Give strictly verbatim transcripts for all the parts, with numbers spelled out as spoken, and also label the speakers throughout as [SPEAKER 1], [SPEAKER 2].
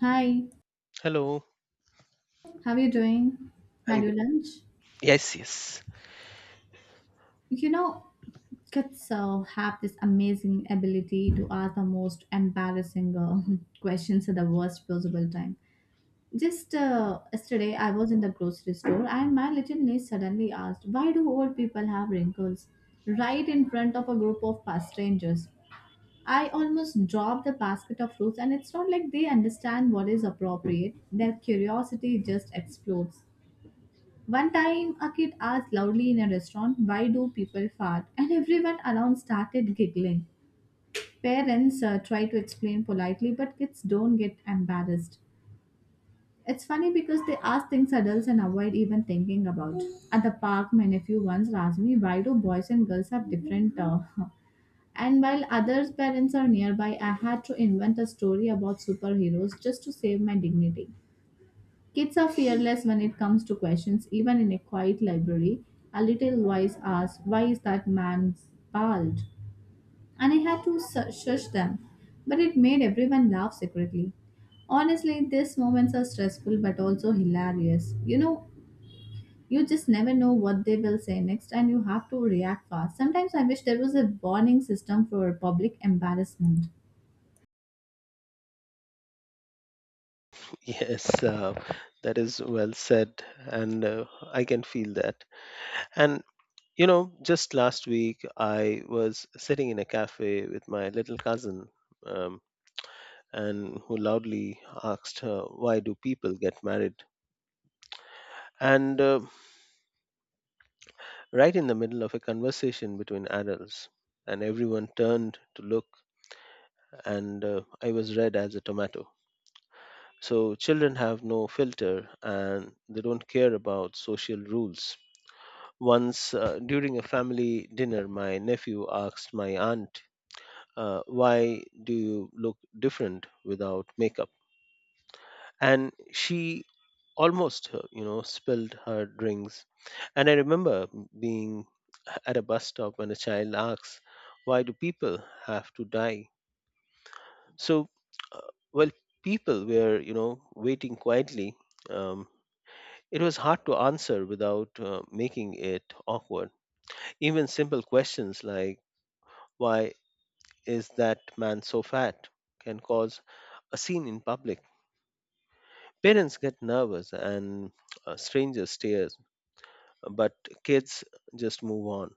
[SPEAKER 1] Hi,
[SPEAKER 2] Hello,
[SPEAKER 1] how are you doing? Had
[SPEAKER 2] I'm good.
[SPEAKER 1] your lunch?
[SPEAKER 2] Yes, yes,
[SPEAKER 1] You know, kids uh, have this amazing ability to ask the most embarrassing uh, questions at the worst possible time. Just uh, yesterday, I was in the grocery store and my little niece suddenly asked, "Why do old people have wrinkles?" right in front of a group of past strangers. I almost dropped the basket of fruits, and it's not like they understand what is appropriate. Their curiosity just explodes. One time, a kid asked loudly in a restaurant, "Why do people fart?" and everyone around started giggling. Parents uh, try to explain politely, but kids don't get embarrassed. It's funny because they ask things adults and avoid even thinking about. At the park, my nephew once asked me, "Why do boys and girls have different. Uh, and while others' parents are nearby, I had to invent a story about superheroes just to save my dignity. Kids are fearless when it comes to questions, even in a quiet library. A little voice asked, "Why is that man bald?" And I had to su- shush them, but it made everyone laugh secretly. Honestly, these moments are stressful but also hilarious. You know, you just never know what they will say next and you have to react fast. Sometimes I wish there was a warning system for public embarrassment.
[SPEAKER 2] yes. Uh, that is well said, and uh, I can feel that. And you know, just last week I was sitting in a cafe with my little cousin, um, and who loudly asked her, "Why do people get married?" And uh, Right in the middle of a conversation between adults, and everyone turned to look, and uh, I was red as a tomato. So children have no filter and they don't care about social rules. Once uh, during a family dinner, my nephew asked my aunt, uh, why do you look different without makeup? And she almost, uh, you know, spilled her drinks. And I remember being at a bus stop when a child asks, why do people have to die? So, uh, well, people were, you know, waiting quietly. Um, It was hard to answer without uh, making it awkward. Even simple questions like, why is that man so fat? Can cause a scene in public. Parents get nervous and uh, strangers stare, but kids just move on.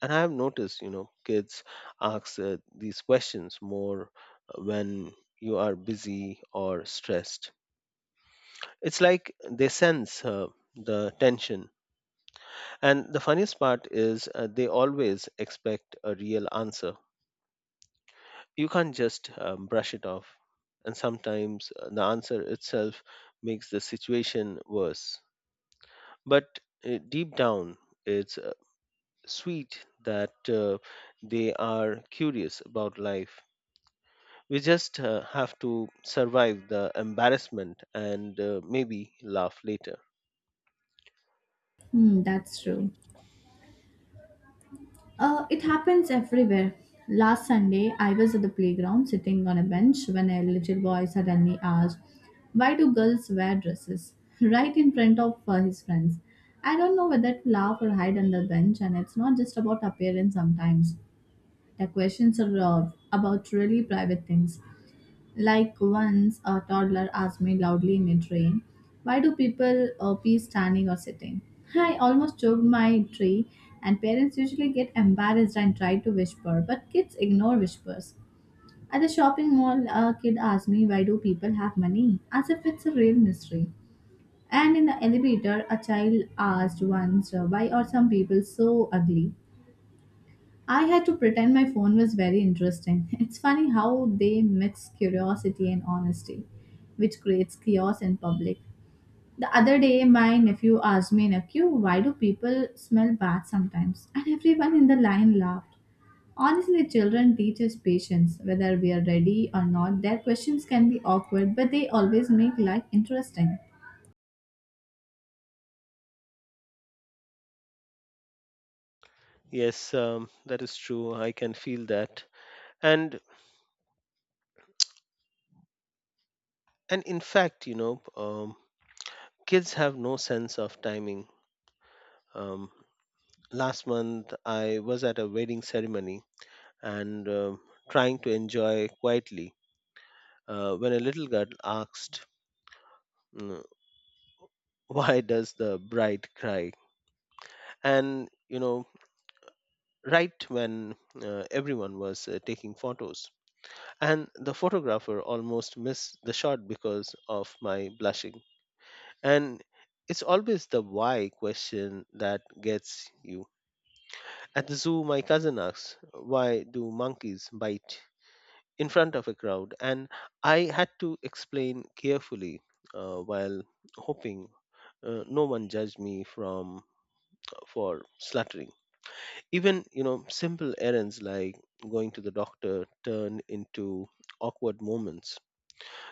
[SPEAKER 2] And I have noticed, you know, kids ask uh, these questions more uh, when you are busy or stressed. It's like they sense uh, the tension. And the funniest part is uh, they always expect a real answer. You can't just um, brush it off. And sometimes uh, the answer itself makes the situation worse. But uh, deep down, it's uh, sweet that uh, they are curious about life. We just uh, have to survive the embarrassment and uh, maybe laugh later.
[SPEAKER 1] Hmm, that's true. Uh, it happens everywhere. Last Sunday, I was at the playground sitting on a bench when a little boy suddenly asked, "Why do girls wear dresses?" right in front of uh, his friends. I don't know whether to laugh or hide under the bench, and it's not just about appearance sometimes. The questions are uh, about really private things. Like once a toddler asked me loudly in a train, "Why do people uh, pee standing or sitting?" I almost choked my tree, and parents usually get embarrassed and try to whisper, but kids ignore whispers. At the shopping mall, a kid asked me, "Why do people have money?" as if it's a real mystery. And in the elevator, a child asked once, uh, "Why are some people so ugly?" I had to pretend my phone was very interesting. It's funny how they mix curiosity and honesty, which creates chaos in public. The other day, my nephew asked me in a queue, "Why do people smell bad sometimes?" And everyone in the line laughed. Honestly, children teach us patience. Whether we are ready or not, their questions can be awkward, but they always make life interesting.
[SPEAKER 2] Yes, um, that is true. I can feel that. And and in fact, you know, um, kids have no sense of timing. Um, Last month, I was at a wedding ceremony and um trying to enjoy quietly uh, when a little girl asked, mm, why does the bride cry? And, you know, right when uh, everyone was uh, taking photos. And the photographer almost missed the shot because of my blushing. And it's always the why question that gets you. At the zoo, my cousin asked, why do monkeys bite in front of a crowd? And I had to explain carefully uh, while hoping. Uh, no one judged me from for slaughtering, even you know simple errands like going to the doctor turned into awkward moments.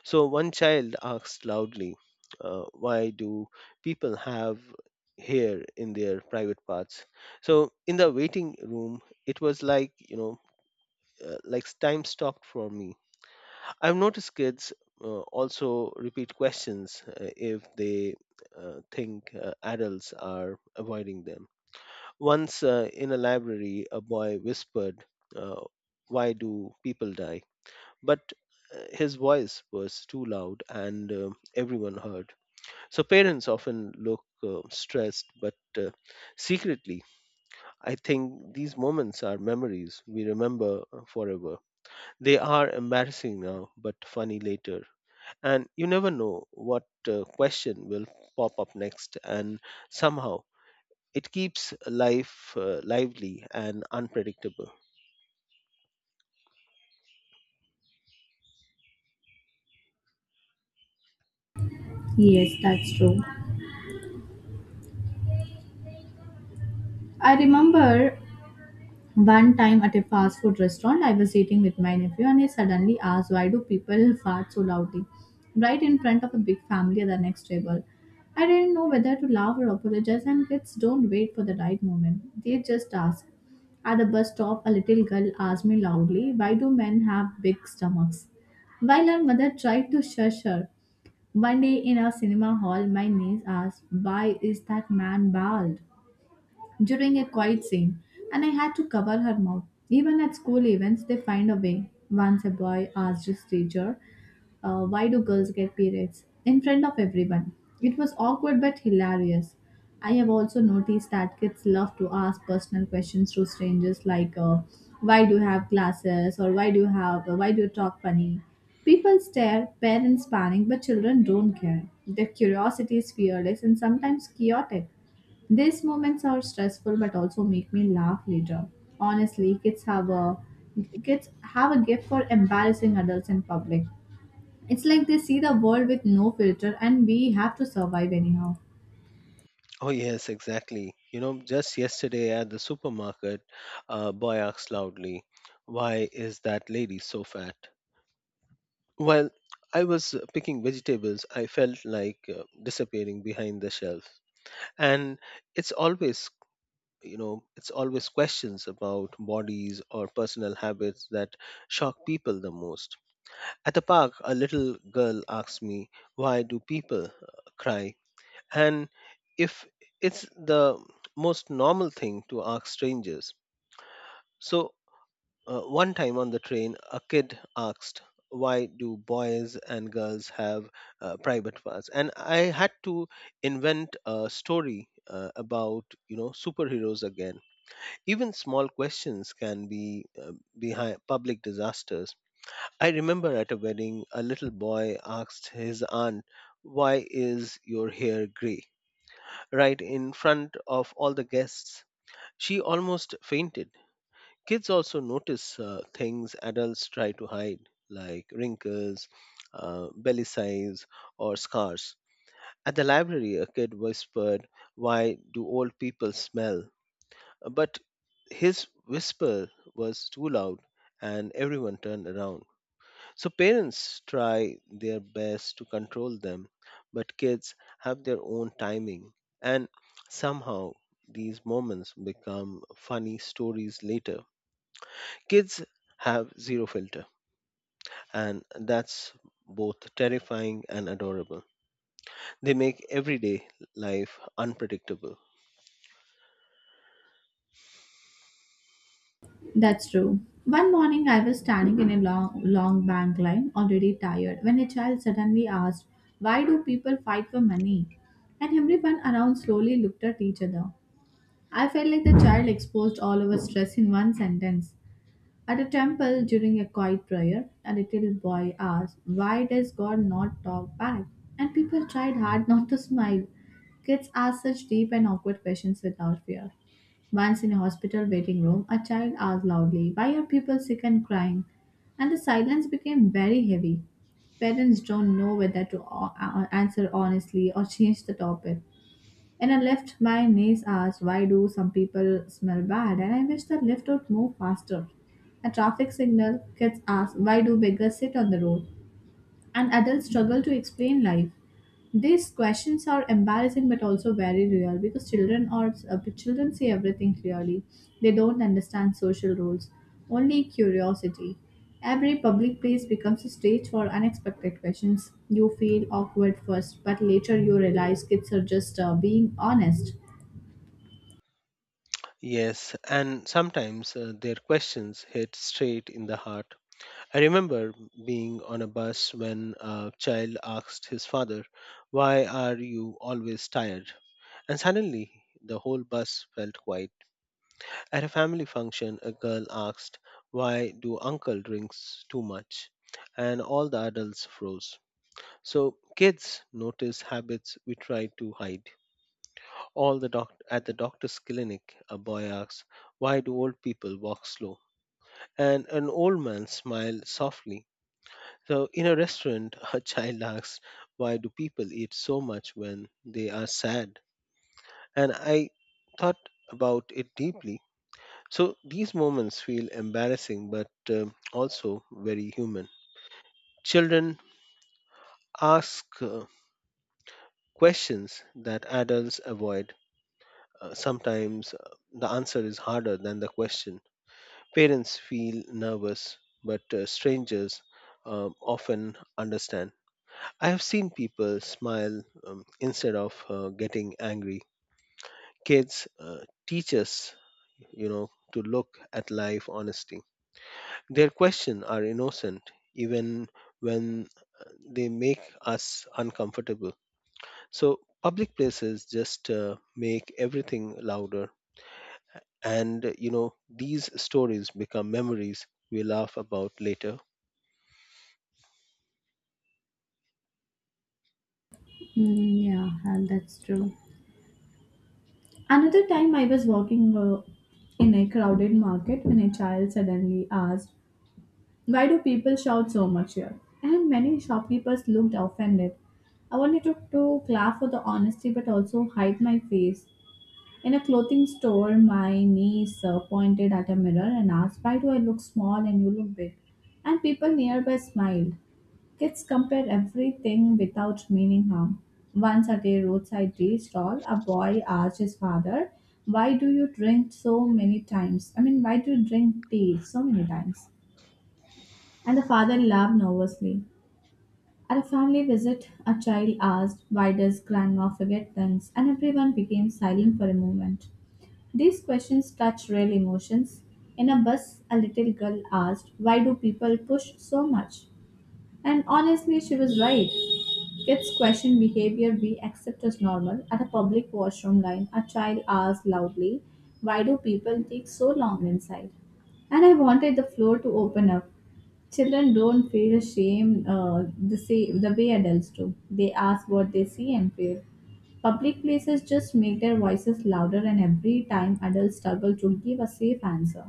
[SPEAKER 2] So one child asked loudly, uh, why do people have hair in their private parts. So in the waiting room it was like you know, uh, like time stopped for me. I've noticed kids uh, also repeat questions uh, if they uh, think uh, adults are avoiding them. Once uh, in a library, a boy whispered, uh, why do people die? But uh, his voice was too loud and uh, everyone heard. So parents often look uh, stressed, but uh, secretly, I think these moments are memories we remember uh, forever. They are embarrassing now, but funny later. And you never know what uh, question will pop up next, and somehow it keeps life uh, lively and unpredictable.
[SPEAKER 1] Yes, that's true. I remember one time at a fast food restaurant, I was eating with my nephew and he suddenly asked, "Why do people fart so loudly?" Right in front of a big family at the next table. I didn't know whether to laugh or apologize, and kids don't wait for the right moment. They just ask. At the bus stop, a little girl asked me loudly, "Why do men have big stomachs?" While her mother tried to shush her. One day in a cinema hall, my niece asked, "Why is that man bald?" during a quiet scene, and I had to cover her mouth. Even at school events, they find a way. Once a boy asked his teacher, uh, "Why do girls get periods?" in front of everyone. It was awkward but hilarious. I have also noticed that kids love to ask personal questions to strangers like, uh, "Why do you have glasses?" or "Why do you have, uh, why do you talk funny?" People stare, parents panic, but children don't care. Their curiosity is fearless and sometimes chaotic. These moments are stressful but also make me laugh later. Honestly, kids have a kids have a gift for embarrassing adults in public. It's like they see the world with no filter and we have to survive anyhow.
[SPEAKER 2] Oh, yes, exactly. You know, just yesterday at the supermarket, a boy asked loudly, why is that lady so fat? While I was uh, picking vegetables, I felt like uh, disappearing behind the shelf. And it's always you know it's always questions about bodies or personal habits that shock people the most. At the park a little girl asked me why do people uh, cry, and if it's the most normal thing to ask strangers. So, uh, one time on the train a kid asked why do boys and girls have uh, private parts, and I had to invent a story uh, about you know superheroes again. Even small questions can be uh, behind public disasters. I remember at a wedding, a little boy asked his aunt, why is your hair gray? Right in front of all the guests. She almost fainted. Kids also notice uh, things adults try to hide, like wrinkles, uh, belly size, or scars. At the library, a kid whispered, why do old people smell? But his whisper was too loud and everyone turned around. So parents try their best to control them, but kids have their own timing. And somehow these moments become funny stories later. Kids have zero filter, and that's both terrifying and adorable. They make everyday life unpredictable.
[SPEAKER 1] That's true. One morning I was standing in a long long bank line, already tired, when a child suddenly asked, "Why do people fight for money?" And everyone around slowly looked at each other. I felt like the child exposed all our stress in one sentence. At a temple during a quiet prayer, a little boy asked, "Why does God not talk back?" And people tried hard not to smile. Kids ask such deep and awkward questions without fear. Once in a hospital waiting room, a child asked loudly, "Why are people sick and crying?" And the silence became very heavy. Parents don't know whether to o- a- answer honestly or change the topic. And I left my niece asked, "Why do some people smell bad?" And I wish the lift would move faster. A traffic signal, kids ask, "Why do beggars sit on the road?" and adults struggle to explain life. These questions are embarrassing but also very real because children are uh, children see everything clearly. They don't understand social rules, only curiosity. Every public place becomes a stage for unexpected questions. You feel awkward first, but later you realize kids are just uh, being honest.
[SPEAKER 2] Yes, and sometimes uh, their questions hit straight in the heart. I remember being on a bus when a child asked his father, why are you always tired? And suddenly the whole bus felt quiet. At a family function, a girl asked, why do uncle drinks too much? And all the adults froze. So kids notice habits we try to hide. All the doc- at the doctor's clinic, a boy asks, why do old people walk slow? And an old man smiled softly. So, in a restaurant, a child asks, why do people eat so much when they are sad? And I thought about it deeply. So, these moments feel embarrassing but um also very human. Children ask uh, questions that adults avoid. Uh, sometimes uh, the answer is harder than the question. Parents feel nervous, but uh, strangers um often understand. I have seen people smile um, instead of uh, getting angry. Kids uh, teach us, you know, to look at life honestly. Their questions are innocent, even when uh, they make us uncomfortable. So public places just uh, make everything louder, and uh, you know, these stories become memories we laugh about later.
[SPEAKER 1] Mm, yeah, and that's true. Another time I was walking uh, in a crowded market when a child suddenly asked, "Why do people shout so much here?" And many shopkeepers looked offended. I wanted to, to clap for the honesty but also hide my face. In a clothing store, my niece uh, pointed at a mirror and asked, "Why do I look small and you look big?" And people nearby smiled. Kids compare everything without meaning harm. Once at a roadside tea stall, a boy asked his father, "Why do you drink so many times? I mean, why do you drink tea so many times?" And the father laughed nervously. At a family visit, a child asked, "Why does grandma forget things?" And everyone became silent for a moment. These questions touch real emotions. In a bus, a little girl asked, "Why do people push so much?" And honestly, she was right. Kids question behavior we accept as normal. At a public washroom line, a child asks loudly, "Why do people take so long inside?" And I wanted the floor to open up. Children don't feel shame uh, the, same, the way adults do. They ask what they see and feel. Public places just make their voices louder, and every time adults struggle to give a safe answer.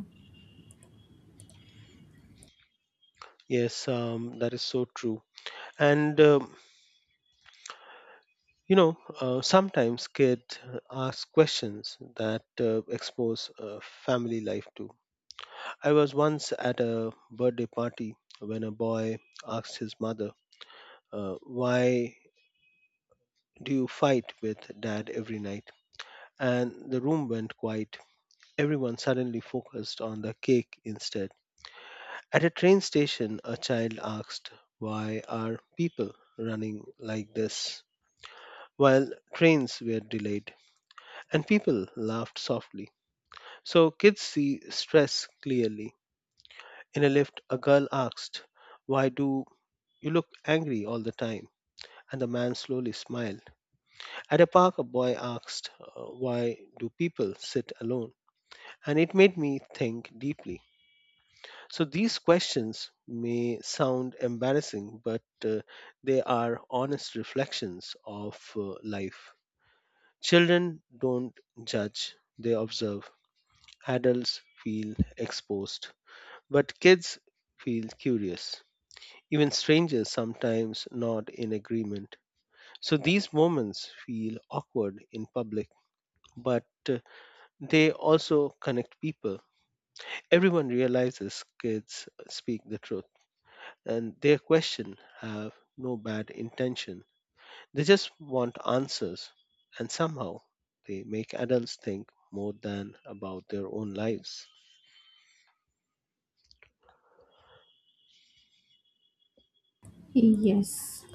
[SPEAKER 2] Yes, um, that is so true. And um, you know, uh, sometimes kids ask questions that uh, expose uh, family life too. I was once at a birthday party when a boy asked his mother, uh, why do you fight with dad every night? And the room went quiet. Everyone suddenly focused on the cake instead. At a train station, a child asked, why are people running like this? While trains were delayed, and people laughed softly. So kids see stress clearly. In a lift, a girl asked, why do you look angry all the time? And the man slowly smiled. At a park, a boy asked, "Uh, Why do people sit alone?" And it made me think deeply. So these questions may sound embarrassing, but uh, they are honest reflections of uh, life. Children don't judge, they observe. Adults feel exposed. But kids feel curious. Even strangers sometimes nod in agreement. So these moments feel awkward in public, but uh, they also connect people. Everyone realizes kids speak the truth, and their questions have no bad intention. They just want answers, and somehow they make adults think more than about their own lives.
[SPEAKER 1] Yes.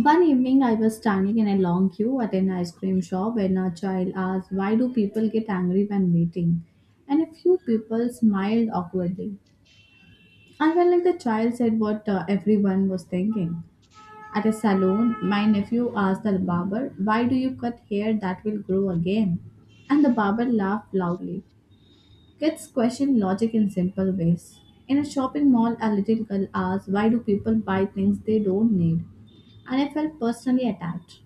[SPEAKER 1] One evening, I was standing in a long queue at an ice cream shop when a child asked, "Why do people get angry when waiting?" And a few people smiled awkwardly. I felt like the child said what uh, everyone was thinking. At a salon, my nephew asked the barber, "Why do you cut hair that will grow again?" And the barber laughed loudly. Kids question logic in simple ways. In a shopping mall, a little girl asked, "Why do people buy things they don't need?" And I felt personally attacked.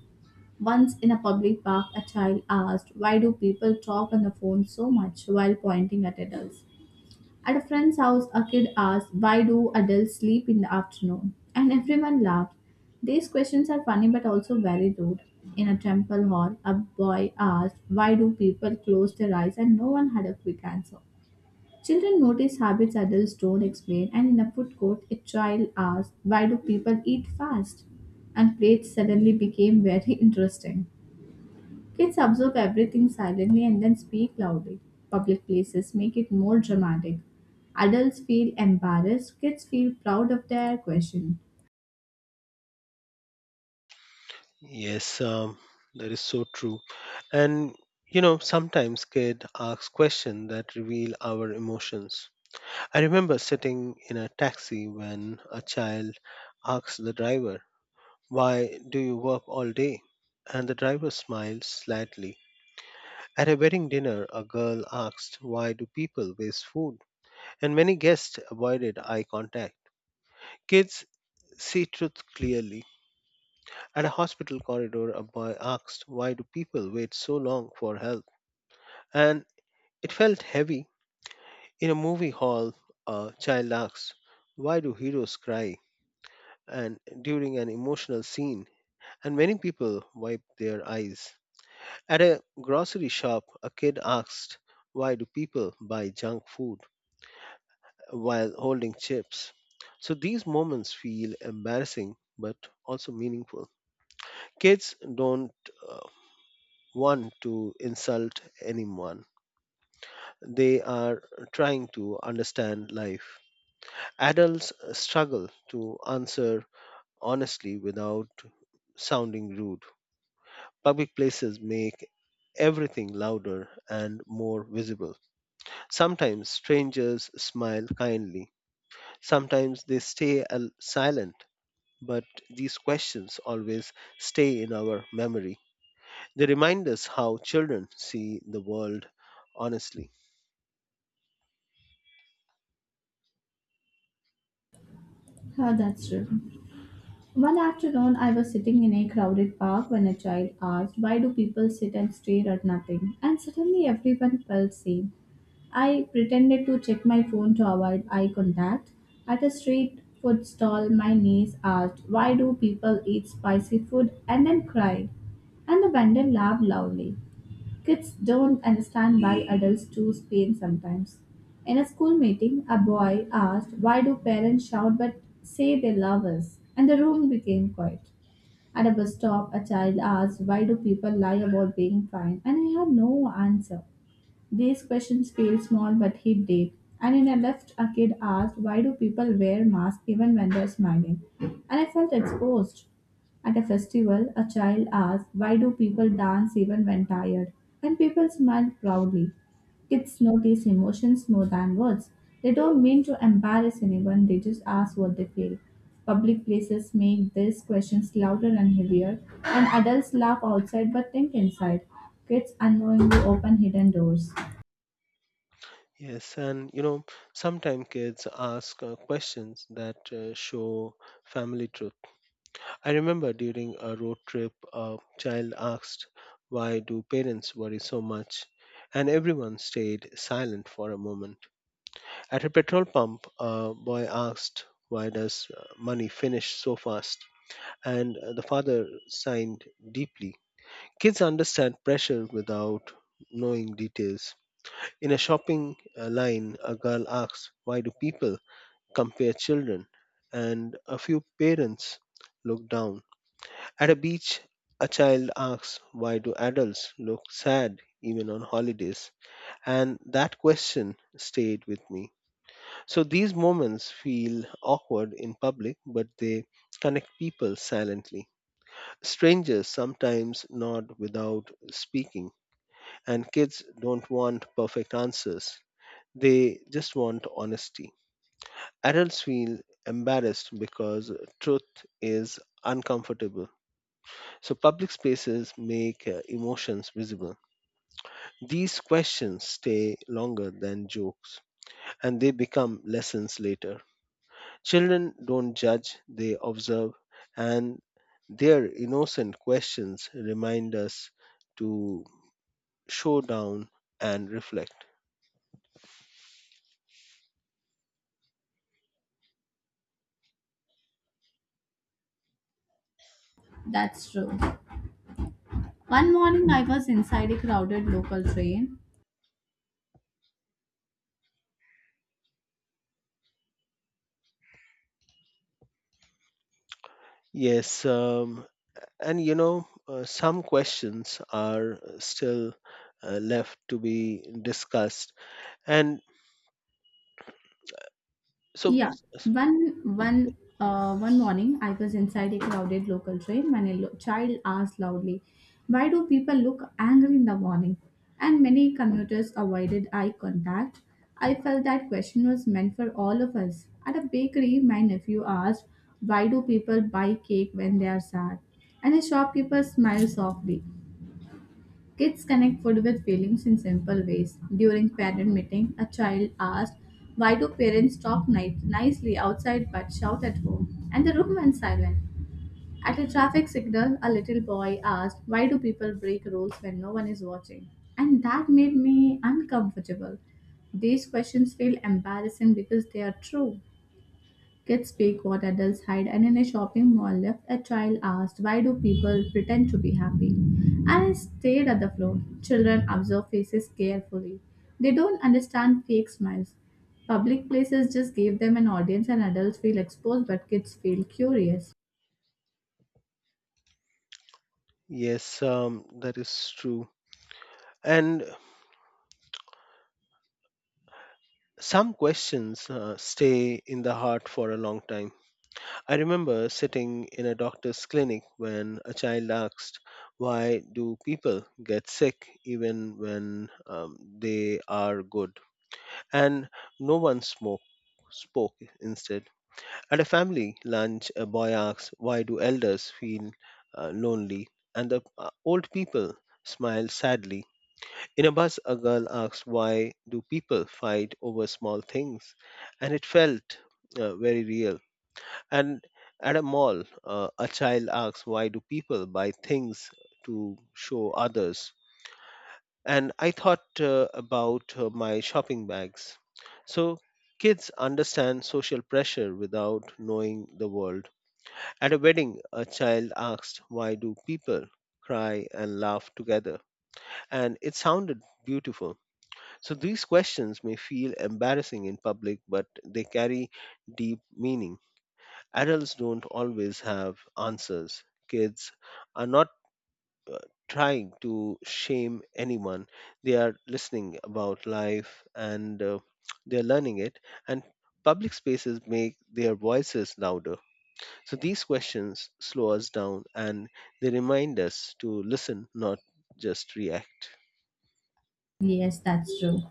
[SPEAKER 1] Once in a public park, a child asked, "Why do people talk on the phone so much?" while pointing at adults. At a friend's house, a kid asked, "Why do adults sleep in the afternoon?" And everyone laughed. These questions are funny but also very rude. In a temple hall, a boy asked, "Why do people close their eyes?" And no one had a quick answer. Children notice habits adults don't explain, and in a food court, a child asked, "Why do people eat fast?" And plates suddenly became very interesting. Kids observe everything silently and then speak loudly. Public places make it more dramatic. Adults feel embarrassed, kids feel proud of their question.
[SPEAKER 2] Yes, um, that is so true. And you know, sometimes kid asks questions that reveal our emotions. I remember sitting in a taxi when a child asked the driver, "Why do you work all day?" And the driver smiled slightly. At a wedding dinner, a girl asked, "Why do people waste food?" And many guests avoided eye contact. Kids see truth clearly. At a hospital corridor, a boy asked, why do people wait so long for help? And it felt heavy. In a movie hall, a child asked, why do heroes cry? And during an emotional scene, and many people wiped their eyes. At a grocery shop, a kid asked, why do people buy junk food while holding chips? So these moments feel embarrassing but also meaningful. Kids don't uh, one to insult anyone. They are trying to understand life. Adults struggle to answer honestly without sounding rude. Public places make everything louder and more visible. Sometimes strangers smile kindly, sometimes they stay al- silent, but these questions always stay in our memory. They remind us how children see the world honestly.
[SPEAKER 1] Yeah, that's true. One afternoon, I was sitting in a crowded park when a child asked, "Why do people sit and stare at nothing?" And suddenly everyone felt seen. I pretended to check my phone to avoid eye contact. At a street food stall, my niece asked, "Why do people eat spicy food and then cry?" And the vendor laughed loudly. Kids don't understand why adults choose pain sometimes. In a school meeting, a boy asked, "Why do parents shout but say they love us?" And the room became quiet. At a bus stop, a child asked, "Why do people lie about being fine?" And I had no answer. These questions feel small but hit deep. And in a left, a kid asked, "Why do people wear masks even when they're smiling?" And I felt exposed. At a festival, a child asked, "Why do people dance even when tired?" And people smiled proudly. Kids notice emotions more than words. They don't mean to embarrass anyone, they just ask what they feel. Public places make these questions louder and heavier, and adults laugh outside but think inside. Kids unknowingly open hidden doors.
[SPEAKER 2] Yes, and you know, sometimes kids ask uh, questions that uh, show family truth. I remember during a road trip, a child asked, why do parents worry so much? And everyone stayed silent for a moment. At a petrol pump, a boy asked, why does uh, money finish so fast? And uh, the father sighed deeply. Kids understand pressure without knowing details. In a shopping uh, line, a girl asks, why do people compare children? And a few parents look down. At a beach, a child asks, why do adults look sad even on holidays? And that question stayed with me. So these moments feel awkward in public, but they connect people silently. Strangers sometimes nod without speaking, and kids don't want perfect answers. They just want honesty. Adults feel embarrassed because truth is uncomfortable. So, public spaces make uh, emotions visible. These questions stay longer than jokes and they become lessons later. Children don't judge, they observe, and their innocent questions remind us to show down and reflect.
[SPEAKER 1] That's true. One morning I was inside a crowded local train.
[SPEAKER 2] Yes, um, and you know, uh, some questions are still uh, left to be discussed. And so,
[SPEAKER 1] Yeah, one one uh, one morning I was inside a crowded local train when a lo- child asked loudly, "Why do people look angry in the morning?" And many commuters avoided eye contact. I felt that question was meant for all of us. At a bakery, my nephew asked, "Why do people buy cake when they are sad?" And a shopkeeper smiled softly. Kids connect food with feelings in simple ways. During parent meeting, a child asked, "Why do parents talk ni- nicely outside but shout at home?" And the room went silent. At a traffic signal, a little boy asked, "Why do people break rules when no one is watching?" And that made me uncomfortable. These questions feel embarrassing because they are true. Kids speak what adults hide, and in a shopping mall lift, a child asked, "Why do people pretend to be happy?" I stared at the floor. Children observe faces carefully. They don't understand fake smiles. Public places just give them an audience, and adults feel exposed, but kids feel curious.
[SPEAKER 2] yes, um, that is true. And some questions uh, stay in the heart for a long time. I remember sitting in a doctor's clinic when a child asked, "Why do people get sick even when um, they are good?" And no one spoke, spoke instead. At a family lunch, a boy asks, "Why do elders feel uh, lonely?" And the uh, old people smile sadly. In a bus, a girl asks, "Why do people fight over small things?" And it felt uh, very real. And at a mall, uh, a child asks, "Why do people buy things to show others?" And I thought uh, about uh, my shopping bags. So kids understand social pressure without knowing the world. At a wedding, a child asked, "Why do people cry and laugh together?" And it sounded beautiful. So these questions may feel embarrassing in public, but they carry deep meaning. Adults don't always have answers. Kids are not trying to shame anyone, they are listening about life and uh, they're learning it, and public spaces make their voices louder, so these questions slow us down and they remind us to listen, not just react.
[SPEAKER 1] Yes, that's true.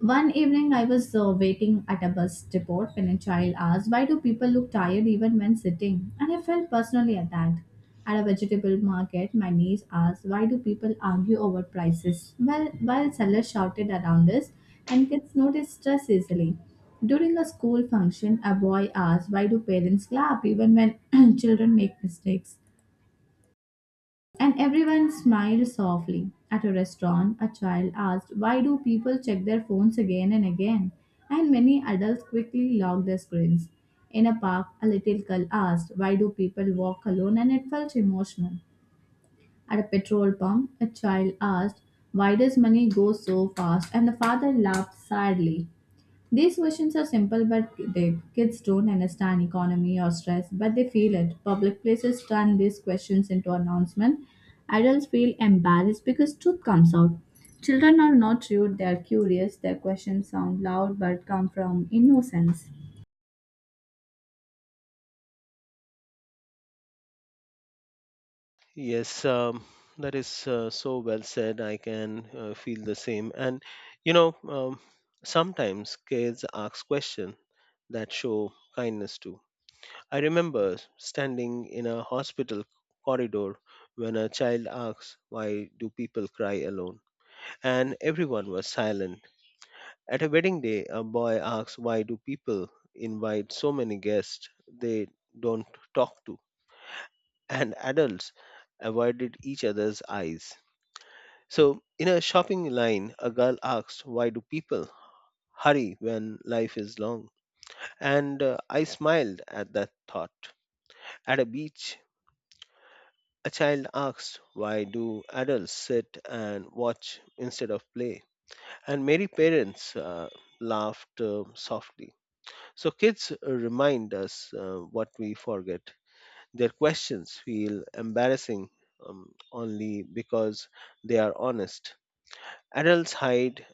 [SPEAKER 1] One evening, I was uh, waiting at a bus depot when a child asked, "Why do people look tired even when sitting?" And I felt personally attacked. At a vegetable market, my niece asked, "Why do people argue over prices?" Well, while sellers shouted around us, and kids noticed stress easily. During a school function, a boy asked, "Why do parents clap even when children make mistakes?" And everyone smiled softly. At a restaurant, a child asked, "Why do people check their phones again and again?" And many adults quickly locked their screens. In a park, a little girl asked, "Why do people walk alone?" And it felt emotional. At a petrol pump, a child asked, "Why does money go so fast?" And the father laughed sadly. These questions are simple but deep. Kids don't understand economy or stress, but they feel it. Public places turn these questions into announcement. Adults feel embarrassed because truth comes out. Children are not rude, they are curious. Their questions sound loud but come from innocence.
[SPEAKER 2] Yes, um, that is uh, so well said. I can uh, feel the same. And you know, um, sometimes kids ask questions that show kindness too. I remember standing in a hospital corridor when a child asked, "Why do people cry alone?" And everyone was silent. At a wedding day, a boy asks, "Why do people invite so many guests they don't talk to?" And adults avoided each other's eyes. So, in a shopping line, a girl asked, "Why do people hurry when life is long?" And uh, I smiled at that thought. At a beach, a child asked, "Why do adults sit and watch instead of play?" And many parents uh, laughed uh, softly. So kids uh, remind us uh, what we forget. Their questions feel embarrassing um, only because they are honest. Adults hide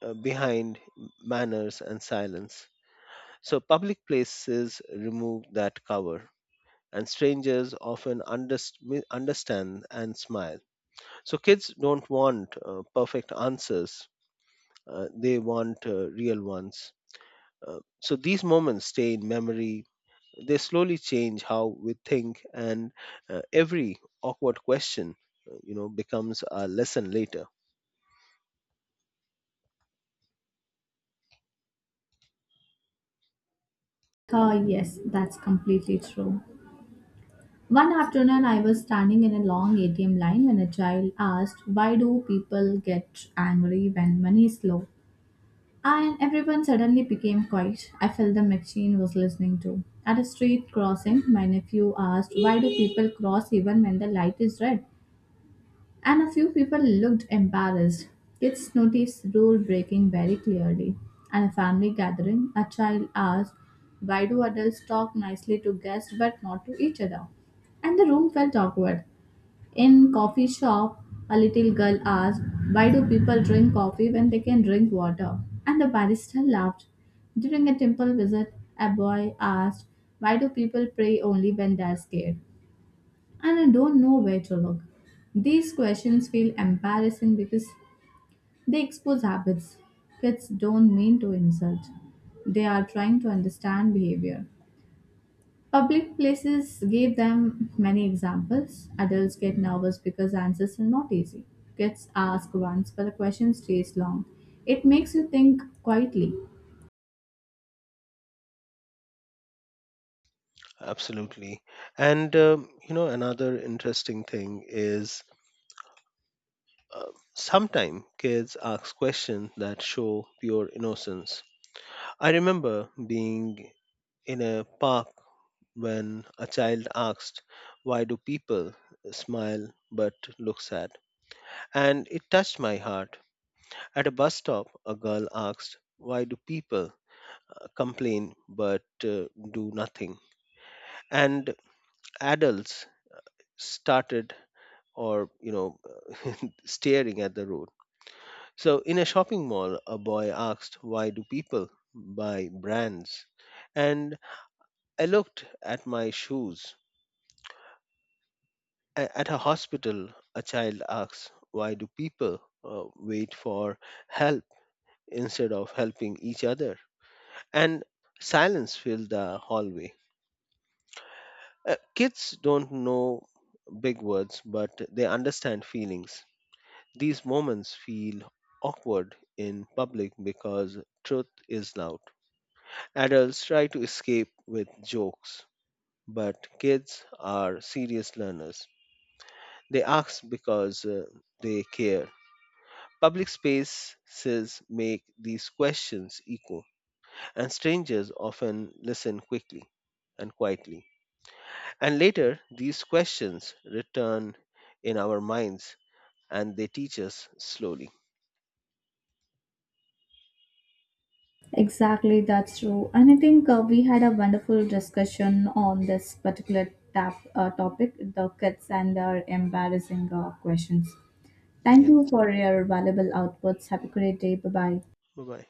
[SPEAKER 2] uh, behind manners and silence. So public places remove that cover. And strangers often underst- mi- understand and smile. So kids don't want uh, perfect answers, uh, they want uh, real ones. Uh, so these moments stay in memory. They slowly change how we think, and uh, every awkward question, uh, you know, becomes a lesson later.
[SPEAKER 1] Oh, yes, that's completely true. One afternoon, I was standing in a long A T M line when a child asked, "Why do people get angry when money is low?" And everyone suddenly became quiet. I felt the machine was listening too. At a street crossing, my nephew asked, "Why do people cross even when the light is red?" And a few people looked embarrassed. Kids noticed rule breaking very clearly. At a family gathering, a child asked, "Why do adults talk nicely to guests but not to each other?" And the room felt awkward. In coffee shop, a little girl asked, "Why do people drink coffee when they can drink water?" And the barista laughed. During a temple visit, a boy asked, "Why do people pray only when they're scared?" And I don't know where to look. These questions feel embarrassing because they expose habits. Kids don't mean to insult. They are trying to understand behavior. Public places give them many examples. Adults get nervous because answers are not easy. Kids ask once, but the question stays long. It makes you think quietly.
[SPEAKER 2] Absolutely. And, um, you know, another interesting thing is uh, sometimes kids ask questions that show pure innocence. I remember being in a park when a child asked, "Why do people smile but look sad?" And it touched my heart. At a bus stop, a girl asked, "Why do people uh, complain but uh, do nothing?" And adults started, or you know, staring at the road. So in a shopping mall, a boy asked, "Why do people buy brands?" And I looked at my shoes. A- at a hospital, a child asks, "Why do people uh, wait for help instead of helping each other?" And silence filled the hallway. Uh, kids don't know big words, but they understand feelings. These moments feel awkward in public because truth is loud. Adults try to escape with jokes, but kids are serious learners. They ask because uh, they care. Public spaces make these questions echo, and strangers often listen quickly and quietly. And later, these questions return in our minds and they teach us slowly.
[SPEAKER 1] Exactly, that's true. And I think uh, we had a wonderful discussion on this particular tap, uh, topic, the kids and their embarrassing uh, questions. Thank you
[SPEAKER 2] Yes.
[SPEAKER 1] for your valuable outputs. Have a great day. Bye bye.
[SPEAKER 2] Bye bye.